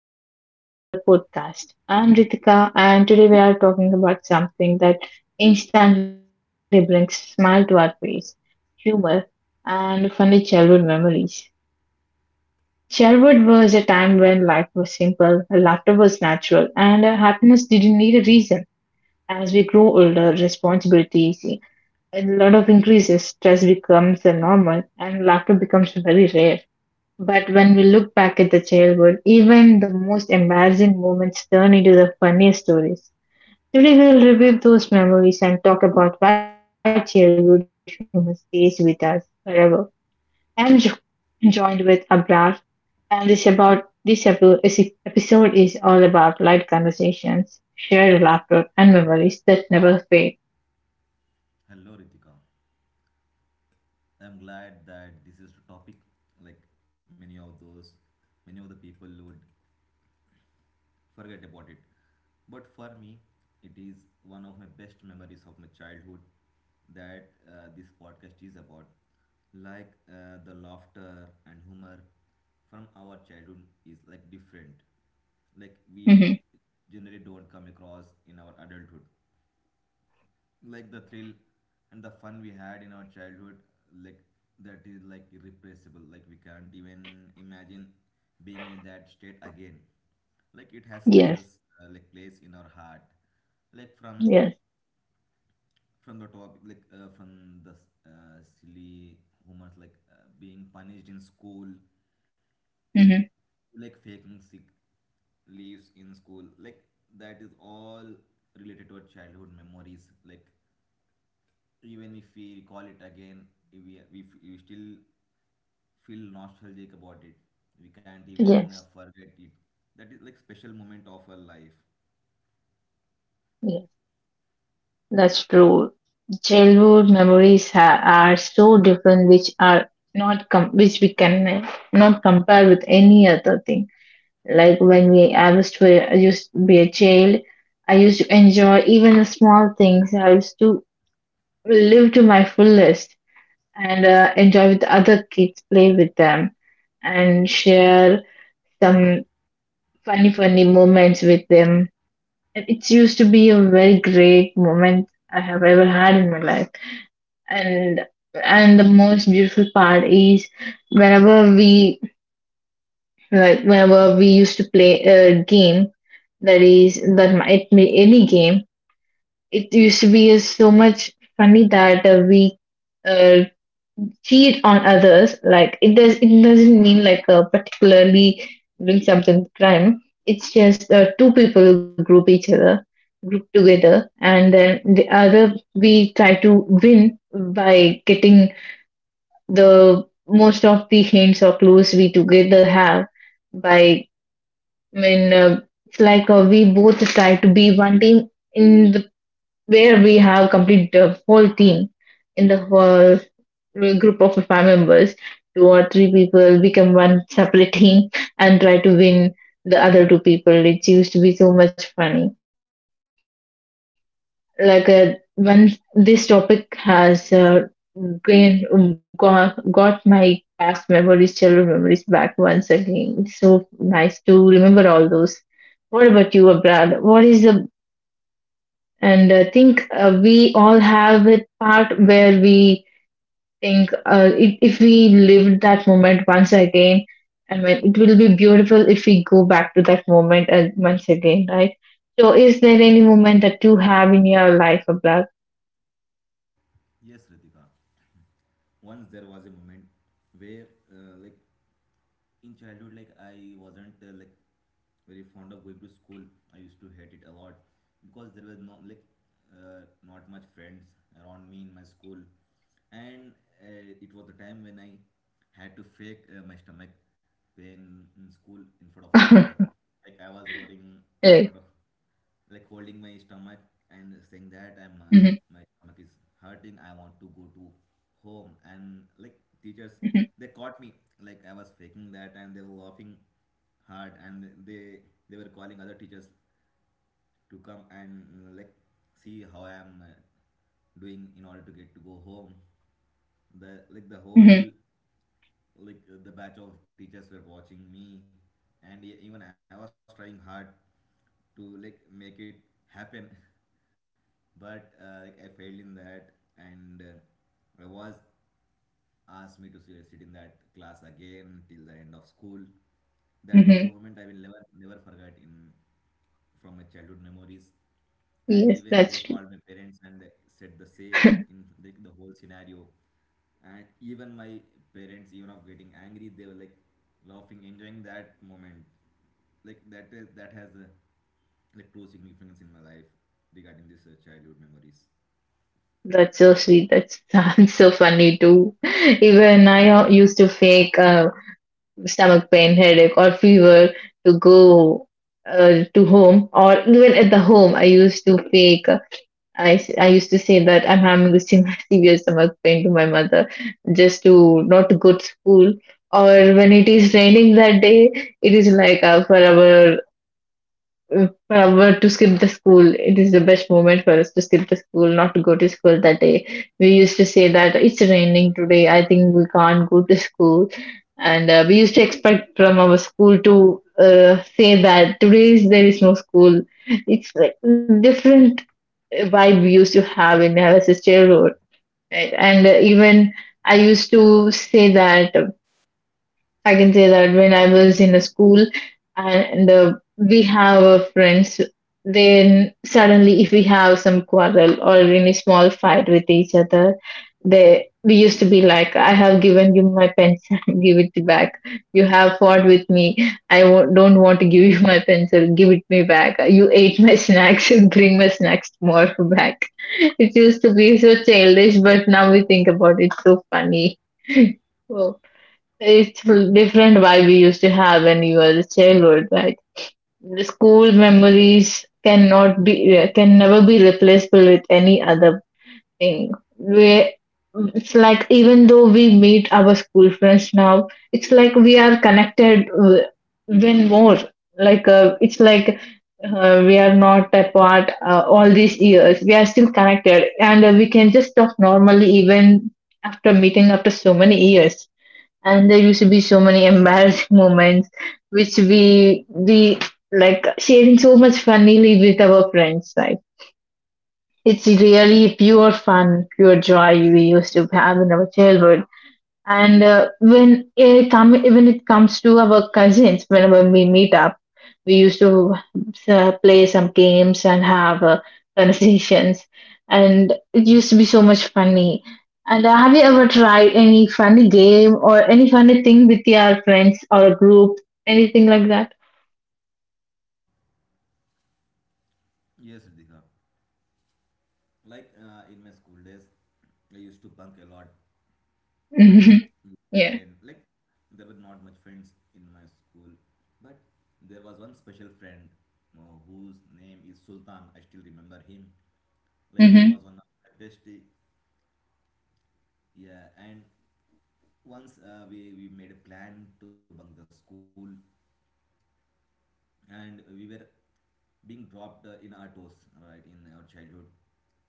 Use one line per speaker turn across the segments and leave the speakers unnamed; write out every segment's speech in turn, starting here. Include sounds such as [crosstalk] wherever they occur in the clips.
everyone, welcome back to our podcast. I'm Ritika and today we are talking about something that instantly brings smile to our face, humor and funny childhood memories. Childhood was a time when life was simple, laughter was natural and happiness didn't need a reason. As we grow older, responsibilities, a lot of increases, stress becomes the normal and laughter becomes very rare. But when we look back at the childhood, even the most embarrassing moments turn into the funniest stories. Today we'll review those memories and talk about why childhood humor stays with us forever. I'm jo- joined with Abrar, and this about this epi- is- episode is all about light conversations, shared laughter, and memories that never fade.
Hello Ritika. I'm glad that this is the topic, like many of those many of the people would forget about it. But for me, it is one of my best memories of my childhood that this podcast is about. The laughter and humor from our childhood is like different. Like we
Hmm.
generally don't come across in our adulthood. Like the thrill and the fun we had in our childhood, like that is like irrepressible, like we can't even imagine being in that state again, like it has special
Yes,
like place in our heart. like from
yes.
from the topic, like from the silly humors, being punished in school,
Hmm,
like faking sick leaves in school, like that is all related to our childhood memories. Like even if we recall it again, we still feel nostalgic about it. We can't even
yes,
forget it. That is like special moment of our life.
yes. That's true. Childhood memories are so different, which are not com- which we can not compare with any other thing. Like when we I was to I used to be a child, I used to enjoy even the small things. I used to live to my fullest and enjoy with other kids, play with them, and share some funny funny moments with them. And it used to be a very great moment I have ever had in my life. and and the most beautiful part is whenever we like whenever we used to play a game, that might be any game, it used to be so much funny that we uh, cheat on others. Like, it doesn't mean like particularly doing something crime, it's just two people group each other group together and then the other we try to win by getting the most of the hints or clues we together have by, I mean uh, it's like we both try to be one team in the where we have complete the whole team in the whole group of five members. Two or three people become one separate team and try to win the other two people. It used to be so much funny. Like when this topic has got my past memories, childhood memories back once again. It's so nice to remember all those. What about you, Abrad? What is the, and I think we all have a part where we think if we lived that moment once again and when it will be beautiful if we go back to that moment and once again, right? So, is there any moment that you have in your life, Abra?
Yes, Ritika. Once there was a moment where uh, like in childhood, like I wasn't like very fond of going to school. I used to hate it a lot because there was no, like not much friends around me in my school. And it was the time when I had to fake my stomach pain in school in front of the
[laughs]
teacher. Like I was roaring
Right.
out of, like, holding my stomach and saying that I'm
Mhm,
my stomach is hurting. I want to go to home. And like teachers,
mhm,
they caught me like I was faking that, and they were laughing hard, and they were calling other teachers to come and like see how I am doing in order to get to go home. The like the
mhm,
whole like the batch of teachers were watching me, and even I was trying hard to like make it happen [laughs] but like, I failed in that. And I was asked me to sit in that class again till the end of school. That was the
mhm.
moment I will never forget in from my childhood memories. And
Yes,
even they
that's true.
called my parents and they said the same in
[laughs]
like the whole scenario. And even my parents, even of getting angry, they were like laughing, enjoying that moment. Like that has a like true significance in my life regarding this childhood memories.
That's so sweet. That sounds so funny too. [laughs] Even I used to fake stomach pain, headache, or fever to go to home, or even at the home, I used to fake. I used to say that I'm having [laughs] severe stomach pain to my mother just to not to go to school. Or when it is raining that day, it is like forever uh, uh, well, to skip the school. It is the best moment for us to skip the school, not to go to school that day. We used to say that it's raining today. I think we can't go to school, and we used to expect from our school to say that today is, there is no school. It's like different vibe we used to have in our sisterhood, right? And even I used to say that. I can say that when I was in a school and we have friends, then suddenly if we have some quarrel or any small fight with each other, they we used to be like, I have given you my pencil, [laughs] give it back. You have fought with me. Don't want to give you my pencil, give it me back. You ate my snacks, [laughs] bring my snacks more back. It used to be so childish, but now we think about it, so funny. [laughs] Wow. It's different vibe we used to have when you were a childhood, right? The school memories can never be replaceable with any other thing. We It's like even though we meet our school friends now, it's like we are connected even more. Like it's like we are not apart all these years. We are still connected, and we can just talk normally even after meeting after so many years, and there used to be so many embarrassing [laughs] moments which we like sharing so much funnily with our friends. Like it's really pure fun, pure joy we used to have in our childhood. And when it come when it comes to our cousins, whenever we meet up, we used to play some games and have conversations, and it used to be so much funny. And have you ever tried any funny game or any funny thing with your friends or a group, anything like that?
Yes, Ritika. In my school days, I used to bunk a lot.
Mhm. Yeah.
Then, like, there were not much friends in my school, but there was one special friend whose name is Sultan. I still remember him. Like, he
Mhm.
was one of my bestie. Yeah. And once we made a plan to bunk the school, and we were being dropped in our toes, right, in our childhood.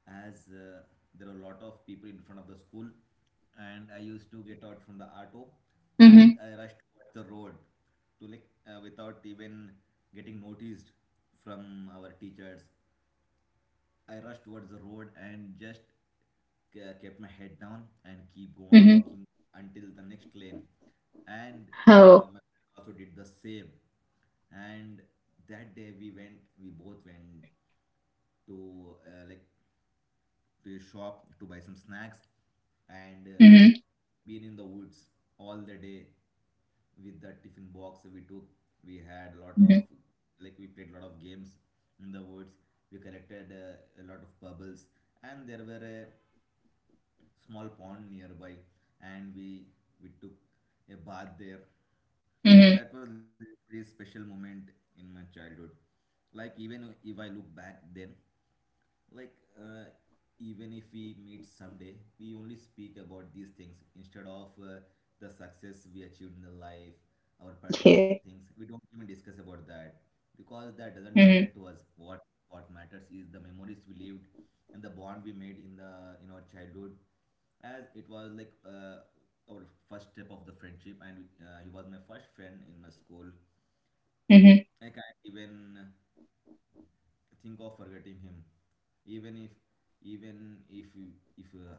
As there were a lot of people in front of the school, and I used to get out from the auto and
Mhm.
I rushed towards the road to, like without even getting noticed from our teachers. I rushed towards the road and just kept my head down and keep going
Mhm.
walking until the next lane. And
Oh.
my friend also did the same. And that day we both went to like to a shop to buy some snacks, and
Mhm.
been in the woods all the day with the tiffin box we took. We had a lot of,
Mhm.
like, we played a lot of games in the woods. We collected a lot of bubbles, and there were a small pond nearby, and we took a bath there. Like
Mhm.
that was a very special moment in my childhood. Like even if I look back then, like uh, even if we meet someday, we only speak about these things instead of the success we achieved in the life. Our personal
Yeah.
things, we don't even discuss about that because that doesn't matter to
Mhm.
us. What matters is the memories we lived and the bond we made in the in our childhood, as it was our first step of the friendship. And he was my first friend in my school.
Mhm.
I can't even think of forgetting him, even if even if you- if uh,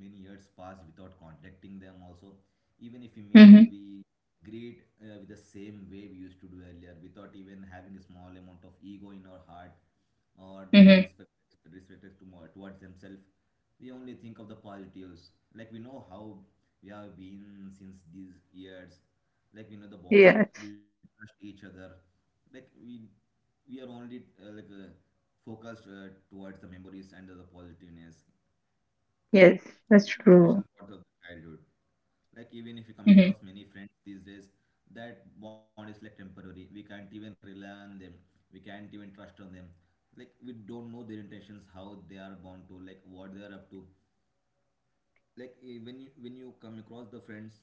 many years pass without contacting them. Also, even if we meet,
Mhm.
we greed with the same way we used to do earlier, without even having a small amount of ego in our heart or
Mhm.
disrespect to more, towards themselves. We only think of the positives, like we know how we have been since these years, like we know the
Yes.
bond, we trust each other. Like we are only focused towards the memories and the positiveness.
Yes. That's
That's the special
true.
part of the childhood. Like even if you come across
Mm-hmm.
many friends these days, that bond is like temporary. We can't even rely on them. We can't even trust on them. Like we don't know their intentions, how they are born to, like what they are up to. Like, when you come across the friends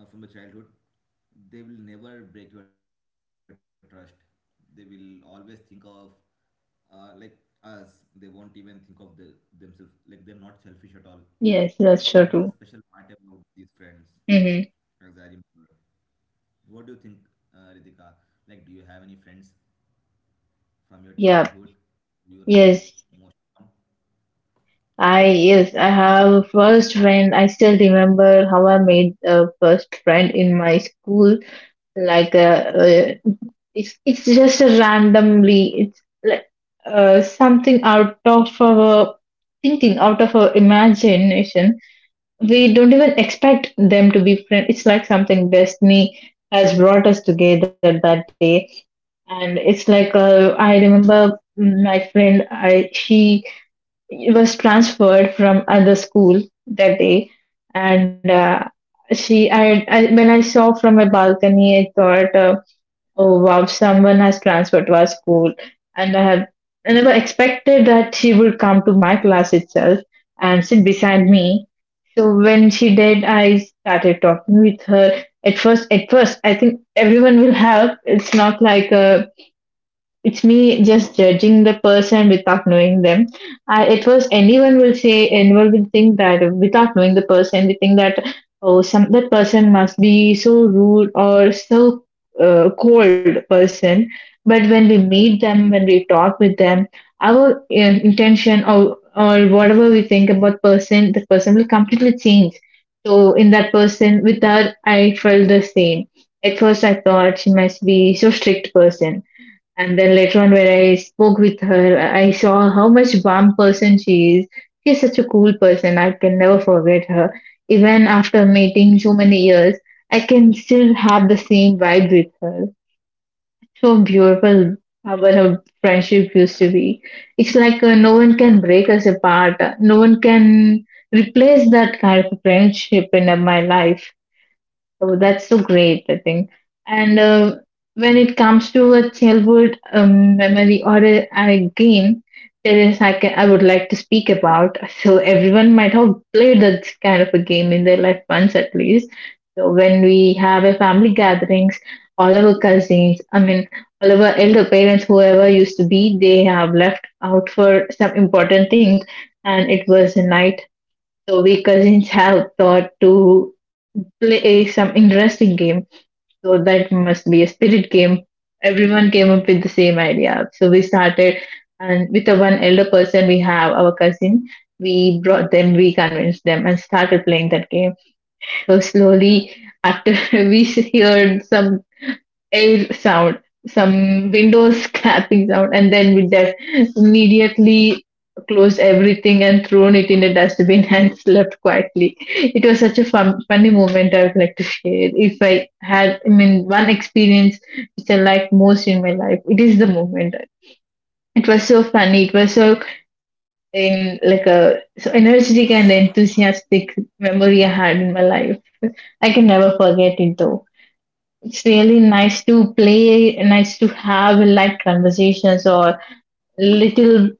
from the childhood, they will never break your trust. They will always think of like us. They won't even think of the themselves, like they're not selfish at all. Like,
Yes,
that's the
that's sure
special
too.
part about these friends,
Mm-hmm.
as I remember. What do you think, Ritika? Like, do you have any friends from your
Yeah,
childhood? Do you relate
yes.
most?
I have a first friend. I still remember how I made a first friend in my school. Like it's just a randomly. It's like something out of our thinking, out of our imagination. We don't even expect them to be friends. It's like something destiny has brought us together that day, and it's like I remember my friend, I she was transferred from other school that day, and she I when I saw from my balcony, I thought oh wow, someone has transferred to our school, and I have I never expected that she would come to my class itself and sit beside me. So when she did, I started talking with her. At first, I think everyone will help. It's not like a, it's me just judging the person without knowing them. It was, anyone will say, anyone will think that without knowing the person, we think that oh, some that person must be so rude or so cold person. But when we meet them, when we talk with them, our intention or whatever we think about person, the person will completely change. So in that person, with her, I felt the same. At first, I thought she must be so strict person, and then later on, when I spoke with her, I saw how much warm person she is. She's such a cool person. I can never forget her. Even after meeting so many years, I can still have the same vibe with her. So beautiful how our friendship used to be. It's like no one can break us apart. No one can replace that kind of friendship in my life. Oh, that's so great, I think. And when it comes to a childhood memory or a game, there is I would like to speak about. So everyone might have played that kind of a game in their life once at least. So when we have a family gatherings, all our cousins, I mean, all our elder parents, whoever used to be, they have left out for some important things, and it was a night, so we cousins have thought to play some interesting game. So that must be a spirit game. Everyone came up with the same idea. So we started, and with the one elder person we have, our cousin, we brought them, we convinced them and started playing that game. So slowly after [laughs] we heard some air sound, some windows [laughs] clapping sound, and then immediately closed everything and thrown it in the dustbin [laughs] and slept quietly. It was such a fun, funny moment I would like to share. If I had, I mean, one experience which I liked most in my life, it is the moment. It was so funny.
So
It was so
fun.
in like a so energetic and enthusiastic memory I had in my life. I can never forget it, though it's really nice to play, nice to have light conversations or little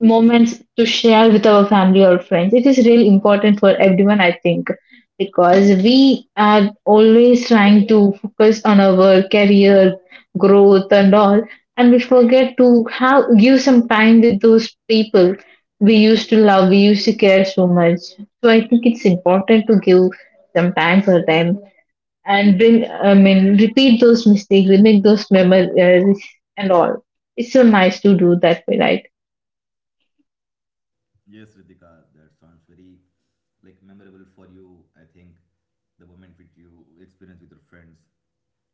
moments to share with our family or friends. It is really important for everyone, I think, because we are always trying to focus on our career growth and all, and we forget to have give some time with those people we used to love, we used to care so much. So I think it's important to give some time for them and bring I mean repeat those mistakes we make those memories and all. It's so nice to do that way, right?
Yes, Ritika, that sounds very like memorable for you. I think the moment which you experience with your friends,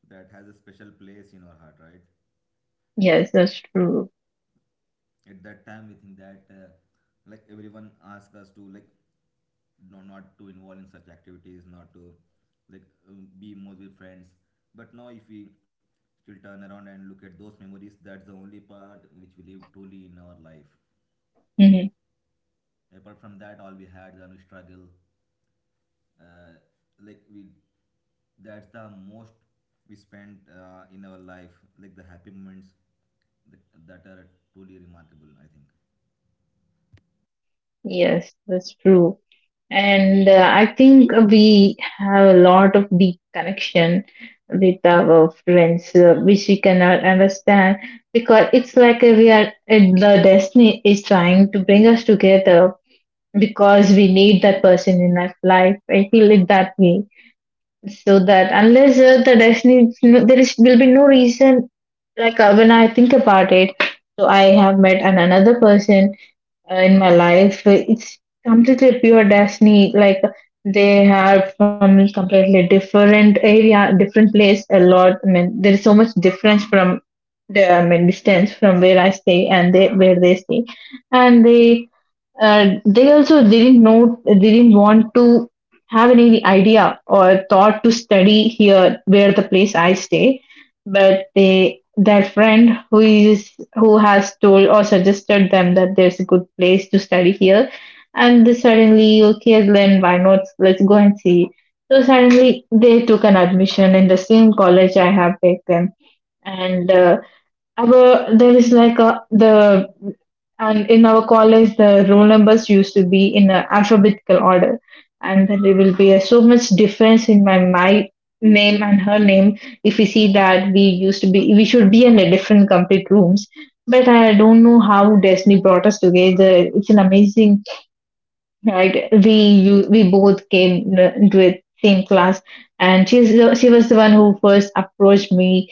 that has a special place in our heart, right?
Yes, that's true.
At that time, we think that like everyone asks us to, like, no, not to involve in such activities, not to like be more with friends. But now, if we still turn around and look at those memories, that's the only part which we live truly in our life.
Hmm.
Apart from that, all we had, then we struggle, uh, like we that's the most we spend in our life, like the happy moments, that, that are truly remarkable, I think.
Yes, that's true. And uh, i think we have a lot of deep connection with our friends which we cannot understand because it's like we are the destiny is trying to bring us together because we need that person in our life. I feel it that way. So that unless the destiny no- there is will be no reason. When I think about it, so I have met another person in my life. It's completely pure destiny. Like, they are from completely different area, different place, a lot, there is so much difference from the distance from where I stay and they where they stay. And they, they also didn't want to have any idea or thought to study here where the place I stay. But they their friend who is who has told or suggested them that there's a good place to study here, and they suddenly, okay, then why not, let's go and see. So suddenly they took an admission in the same college I have taken. And our there is like a the and in our college the roll numbers used to be in a alphabetical order, and then there will be so much difference in my name and her name. If we see that, we should be in a different complete rooms, but I don't know how destiny brought us together. It's an amazing, right? We both came into a same class, and she was the one who first approached me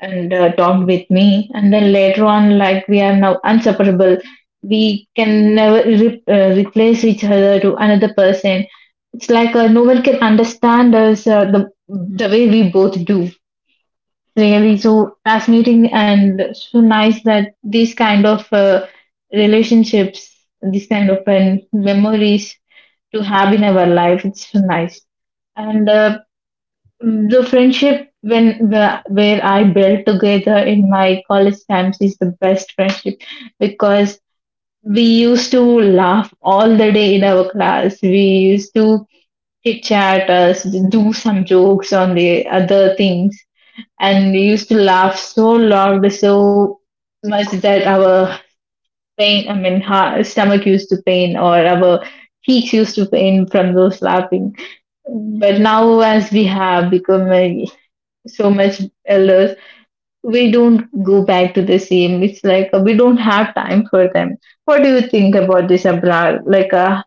and talked with me, and then later on, like, we are now inseparable. We can never replace each other to another person. It's like No one can understand us the way we both do. Really, so fascinating and so nice that these kind of relationships, these kind of memories to have in our life, it's so nice. And uh, the friendship when where I built together in my college times is the best friendship, because we used to laugh all the day in our class. We used to chit chat us, do some jokes on the other things, and we used to laugh so loud, so much that our pain, I mean, ha stomach used to pain, or our cheeks used to pain from those laughing. But now, as we have become a so much elders, we don't go back to the same. It's like We don't have time for them. What do you think about this, Abrar? like uh,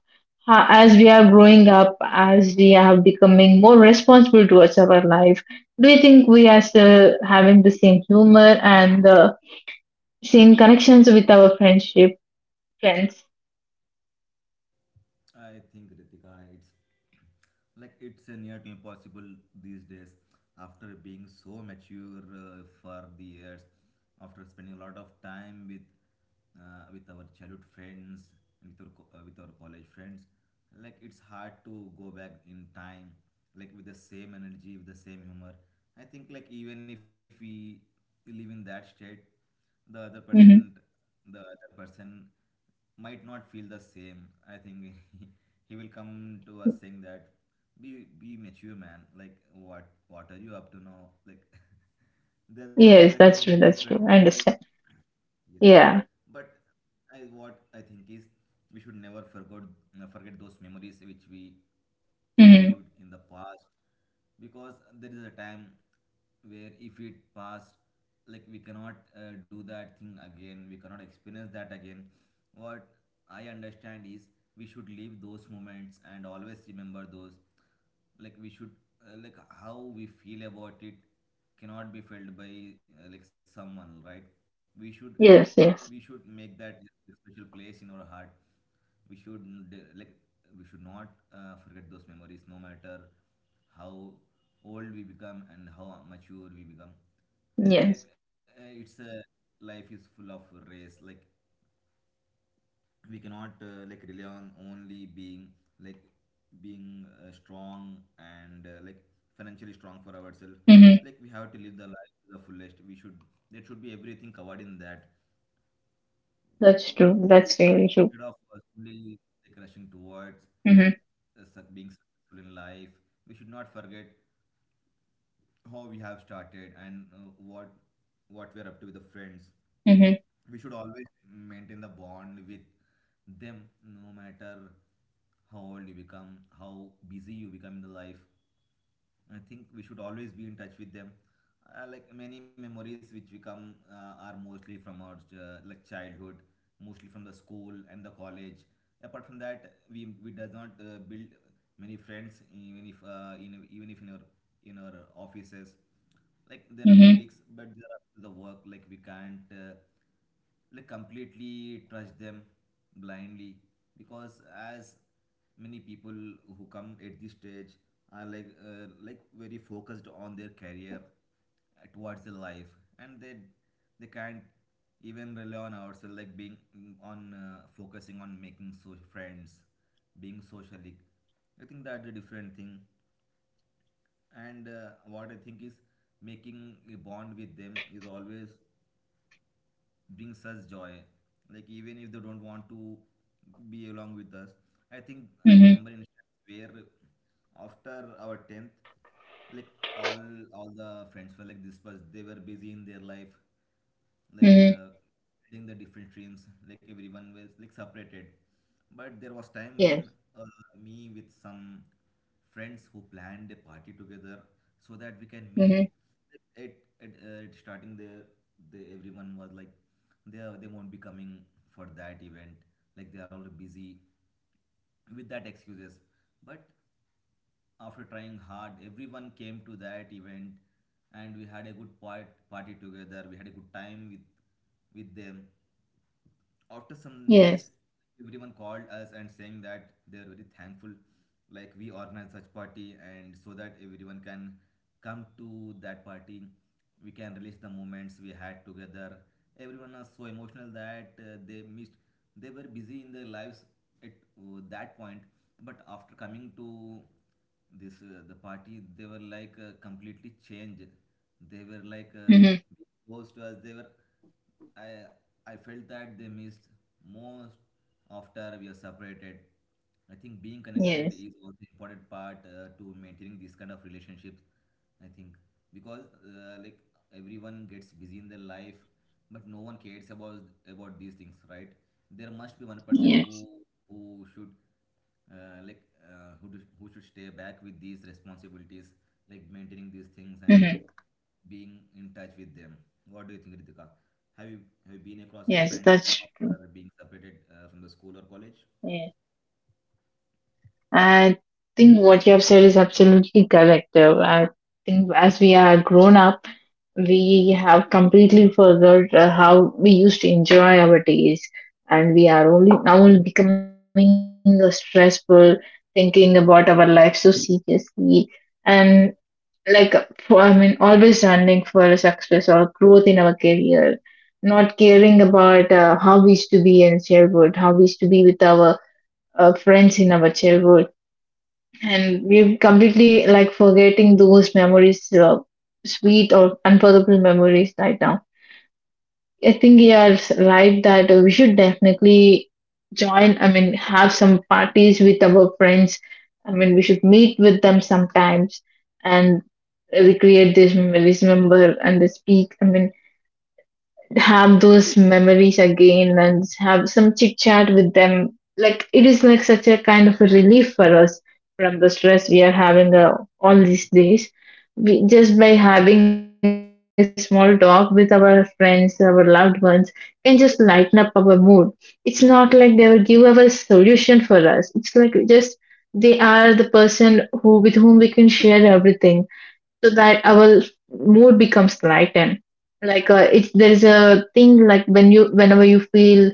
ha- As we are growing up, as we are becoming more responsible towards our life, do you think we are still having the same humor and the same connections with our friends?
I think, Ritika, it's like, it's near to impossible these days after being so mature for the years, after spending a lot of time with our childhood friends and with our, with our college friends. Like, it's hard to go back in time, like with the same energy, with the same humor. I think, like, even if we live in that state, the other
Hmm.
person the other person might not feel the same. I think [laughs] he will come to us saying that, be mature man, like what are you up to now, like [laughs] there are
Yes,
like
that's
some
true. That's
different,
true, I understand.
yeah.
Yeah.
But I what I think is, we should never forget forget those memories which we
Hmm.
lived in the past, because there is a time where if it passed, like we cannot do that thing again, we cannot experience that again. What I understand is, we should leave those moments and always remember those. Like, we should like how we feel about it cannot be felt by like someone, right? we should we
Yes,
should
yes.
make that a special place in our heart. We should, like we should not forget those memories, no matter how old we become and how mature we become. Like
Yes.
it's a life is full of race. Like we cannot rely on only like being strong and like financially strong for ourselves.
Hmm.
Like we have to live the life to the fullest. We should There should be everything covered in that,
That's true. That's really true.
instead of only like rushing towards
Hmm.
being successful in life. We should not forget how we have started, and what we are up to with the friends.
Hmm.
We should always maintain the bond with them, no matter how old you become, how busy you become in the life. I think we should always be in touch with them. Like many memories which we come are mostly from our like childhood, mostly from the school and the college. Apart from that, we does not build many friends. Even if in even if in our in our offices, like there are
Mm-hmm.
colleagues, but there are the work, like we can't like completely trust them blindly, because as many people who come at this stage are like very focused on their career towards their life. And they can't even rely on ourselves, like being mm, on focusing on making so friends, being socially. I think that's a different thing. And what I think is, making a bond with them is always brings us joy, like even if they don't want to be along with us. I think I
Mm-hmm.
remember instance where after our 10th, like all all the friends were like this was they were busy in their life. like
Mm-hmm.
uh, in the different streams, like everyone was like separated. But there was time when
Yes.
uh, me with some friends who planned a party together so that we can
Mm-hmm.
meet. At, at starting there, everyone was like, they won't be coming for that event. Like they are all busy with that excuses. But after trying hard, everyone came to that event and we had a party together. We had a good time with them. After some days,
Yes.
everyone called us and saying that they are very thankful, like we organized such party and so that everyone can come to that party. We can release the moments we had together. Everyone was so emotional that they missed, they were busy in their lives at that point. But after coming to this the party, they were like completely changed. They were like
Mm-hmm.
being close to us, they were, I, I felt that they missed most after we are separated. I think being connected is also
Yes.
important part to maintaining this kind of relationships. I think because like, everyone gets busy in their life, but no one cares about these things, right? There must be one person
Yes.
who should like who do, who should stay back with these responsibilities, like maintaining these things and
Mm-hmm.
being in touch with them. What do you think, Ritika? Have you have you been across your
Yes.
friends
That's true.
after being separated from the school or college?
Yeah. I think what you have said is absolutely correct. I think as we are grown up, we have completely forgot how we used to enjoy our days, and we are only now only becoming stressful, thinking about our life so seriously. And, like, for, always running for success or growth in our career, not caring about how we used to be in childhood, how we used to be with our friends in our childhood, and we're completely like forgetting those memories, sweet or unforgettable memories right now. I think you are right that we should definitely join. I mean, have some parties with our friends. I mean, we should meet with them sometimes and recreate these memories, remember and they speak. I mean, have those memories again and have some chit chat with them. Like, it is like such a kind of a relief for us from the stress we are having all these days. We, just by having a small talk with our friends, our loved ones, can just lighten up our mood. It's not like they will give us a solution for us. It's like just they are the person who with whom we can share everything so that our mood becomes lightened. Like it's There is a thing, like, when you, whenever you feel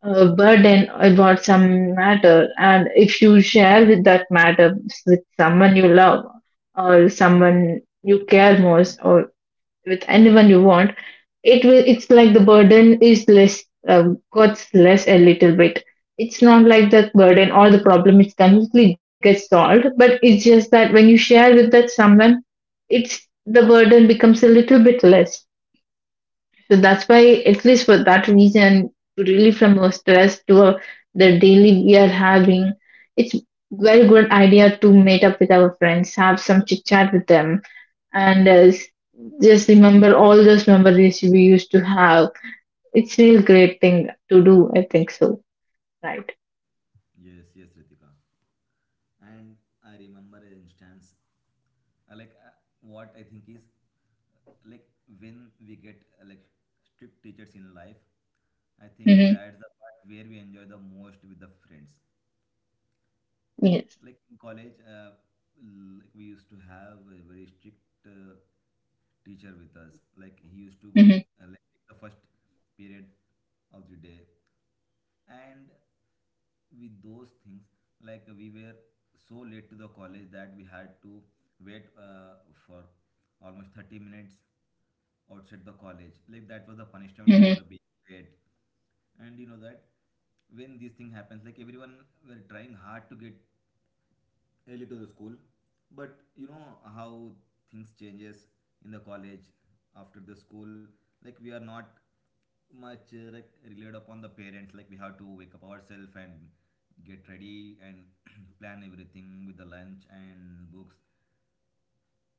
burden about some matter, and if you share with that matter with someone you love or someone you care most or with anyone you want, it's like the burden is less, gets less a little bit. It's not like the burden or the problem is completely gets solved, but it's just that when you share with that someone, it's the burden becomes a little bit less. So that's why, at least for that reason, to relieve from our stress, to our, the daily we are having, it's very good idea to meet up with our friends, have some chit chat with them, and just remember all those memories we used to have. It's still great thing to do, I think so. Right.
Yes, yes, Ritika. And I remember an instance, uh, like uh, what I think is, uh, like when we get strict teachers in life, I think that's the part
Mm-hmm.
where we enjoy the most with the friends. Like in
Yes.
college, like we used to have a very strict uh, teacher with us. Like he used to take the
Mm-hmm.
first period of the day, and with those things, like we were so late to the college that we had to wait for almost 30 minutes outside the college. Like that was the
Mm-hmm.
punishment for being late. And you know that when these things happens, like everyone were trying hard to get really to the school. But you know how things changes in the college after the school. Like we are not much relied upon the parents. Like we have to wake up ourselves and get ready and [clears throat] plan everything with the lunch and books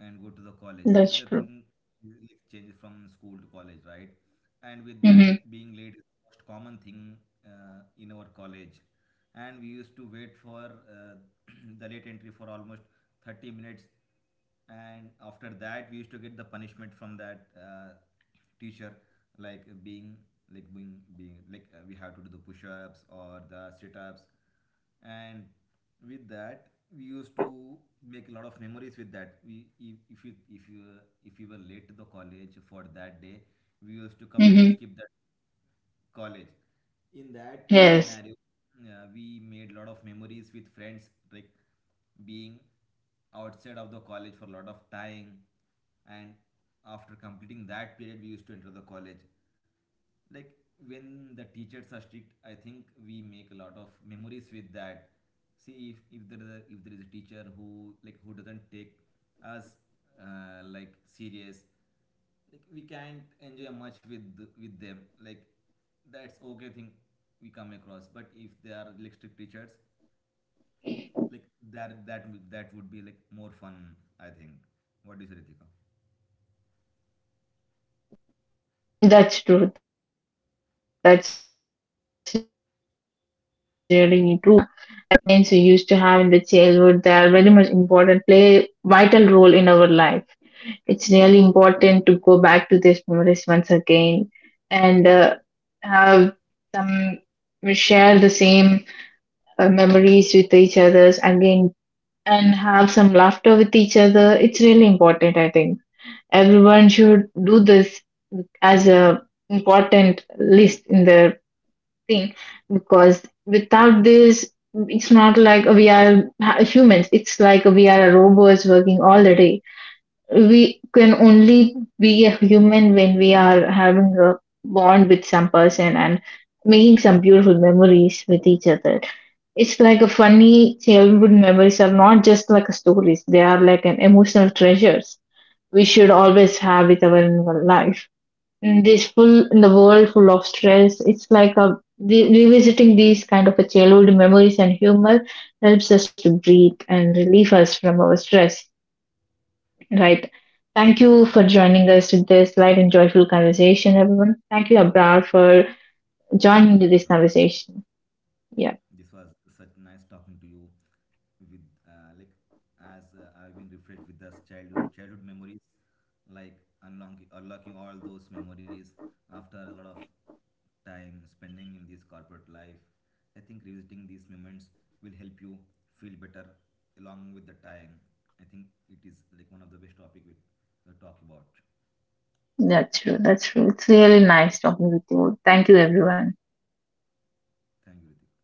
and go to the college. Like the thing like
That's true.
changes from school to college, right? And with that, being late is the most
Mm-hmm.
common thing in our college. And we used to wait for [clears throat] the late entry for almost 30 minutes. And after that we used to get the punishment from that teacher, like being like we have to do the push-ups or the sit-ups. And with that, we used to make a lot of memories with that. We if you if you If we were late to the college for that day, we used to completely skip that college.
Mm-hmm.
In that scenario, we made a lot
Yes,
of memories with friends, like being outside of the college for a lot of time, and after completing that period we used to enter the college. Like when the teachers are strict, I think we make a lot of memories with that. See, if there is a, if there is a teacher who, who doesn't take us serious, like we can't enjoy much with them. Like that's okay thing we come across. But if they are like strict teachers, like that would be like more fun, I think. What do you say, Ritika?
that's true. That's really true what you have been seeing right now. I think these funny moments we used to have in the childhood, they are very much important, play vital role in our life. It's really important to go back to these memories once again and have some share the same memories with each others again and have some laughter with each other. It's really important, I think. Everyone should do this as a important list in their thing, because without this, it's not like we are humans, it's like we are robots working all the day. We can only be a human when we are having a bond with some person and making some beautiful memories with each other. It's like a funny childhood memories are not just like stories. They are like an emotional treasures we should always have with our in our life. In this full in the world full of stress, it's like a revisiting these kind of a childhood memories and humor helps us to breathe and relieve us from our stress. Right. Thank you for
Yes,
joining us with this light and joyful conversation, everyone. Thank you, Abrar, for
thank you,
joining me
Ritika.
this conversation. Yeah.
This was such nice talking to you with like as I've been refreshed with those childhood memories, like unlocking all those memories after a lot of time spending in this corporate life. I think revisiting these moments will help you feel better along with the time. I think it is like one of the best topic we talk about.
That's true. That's true. It's really nice talking with you. Thank you, everyone.
Thank you, Ritik.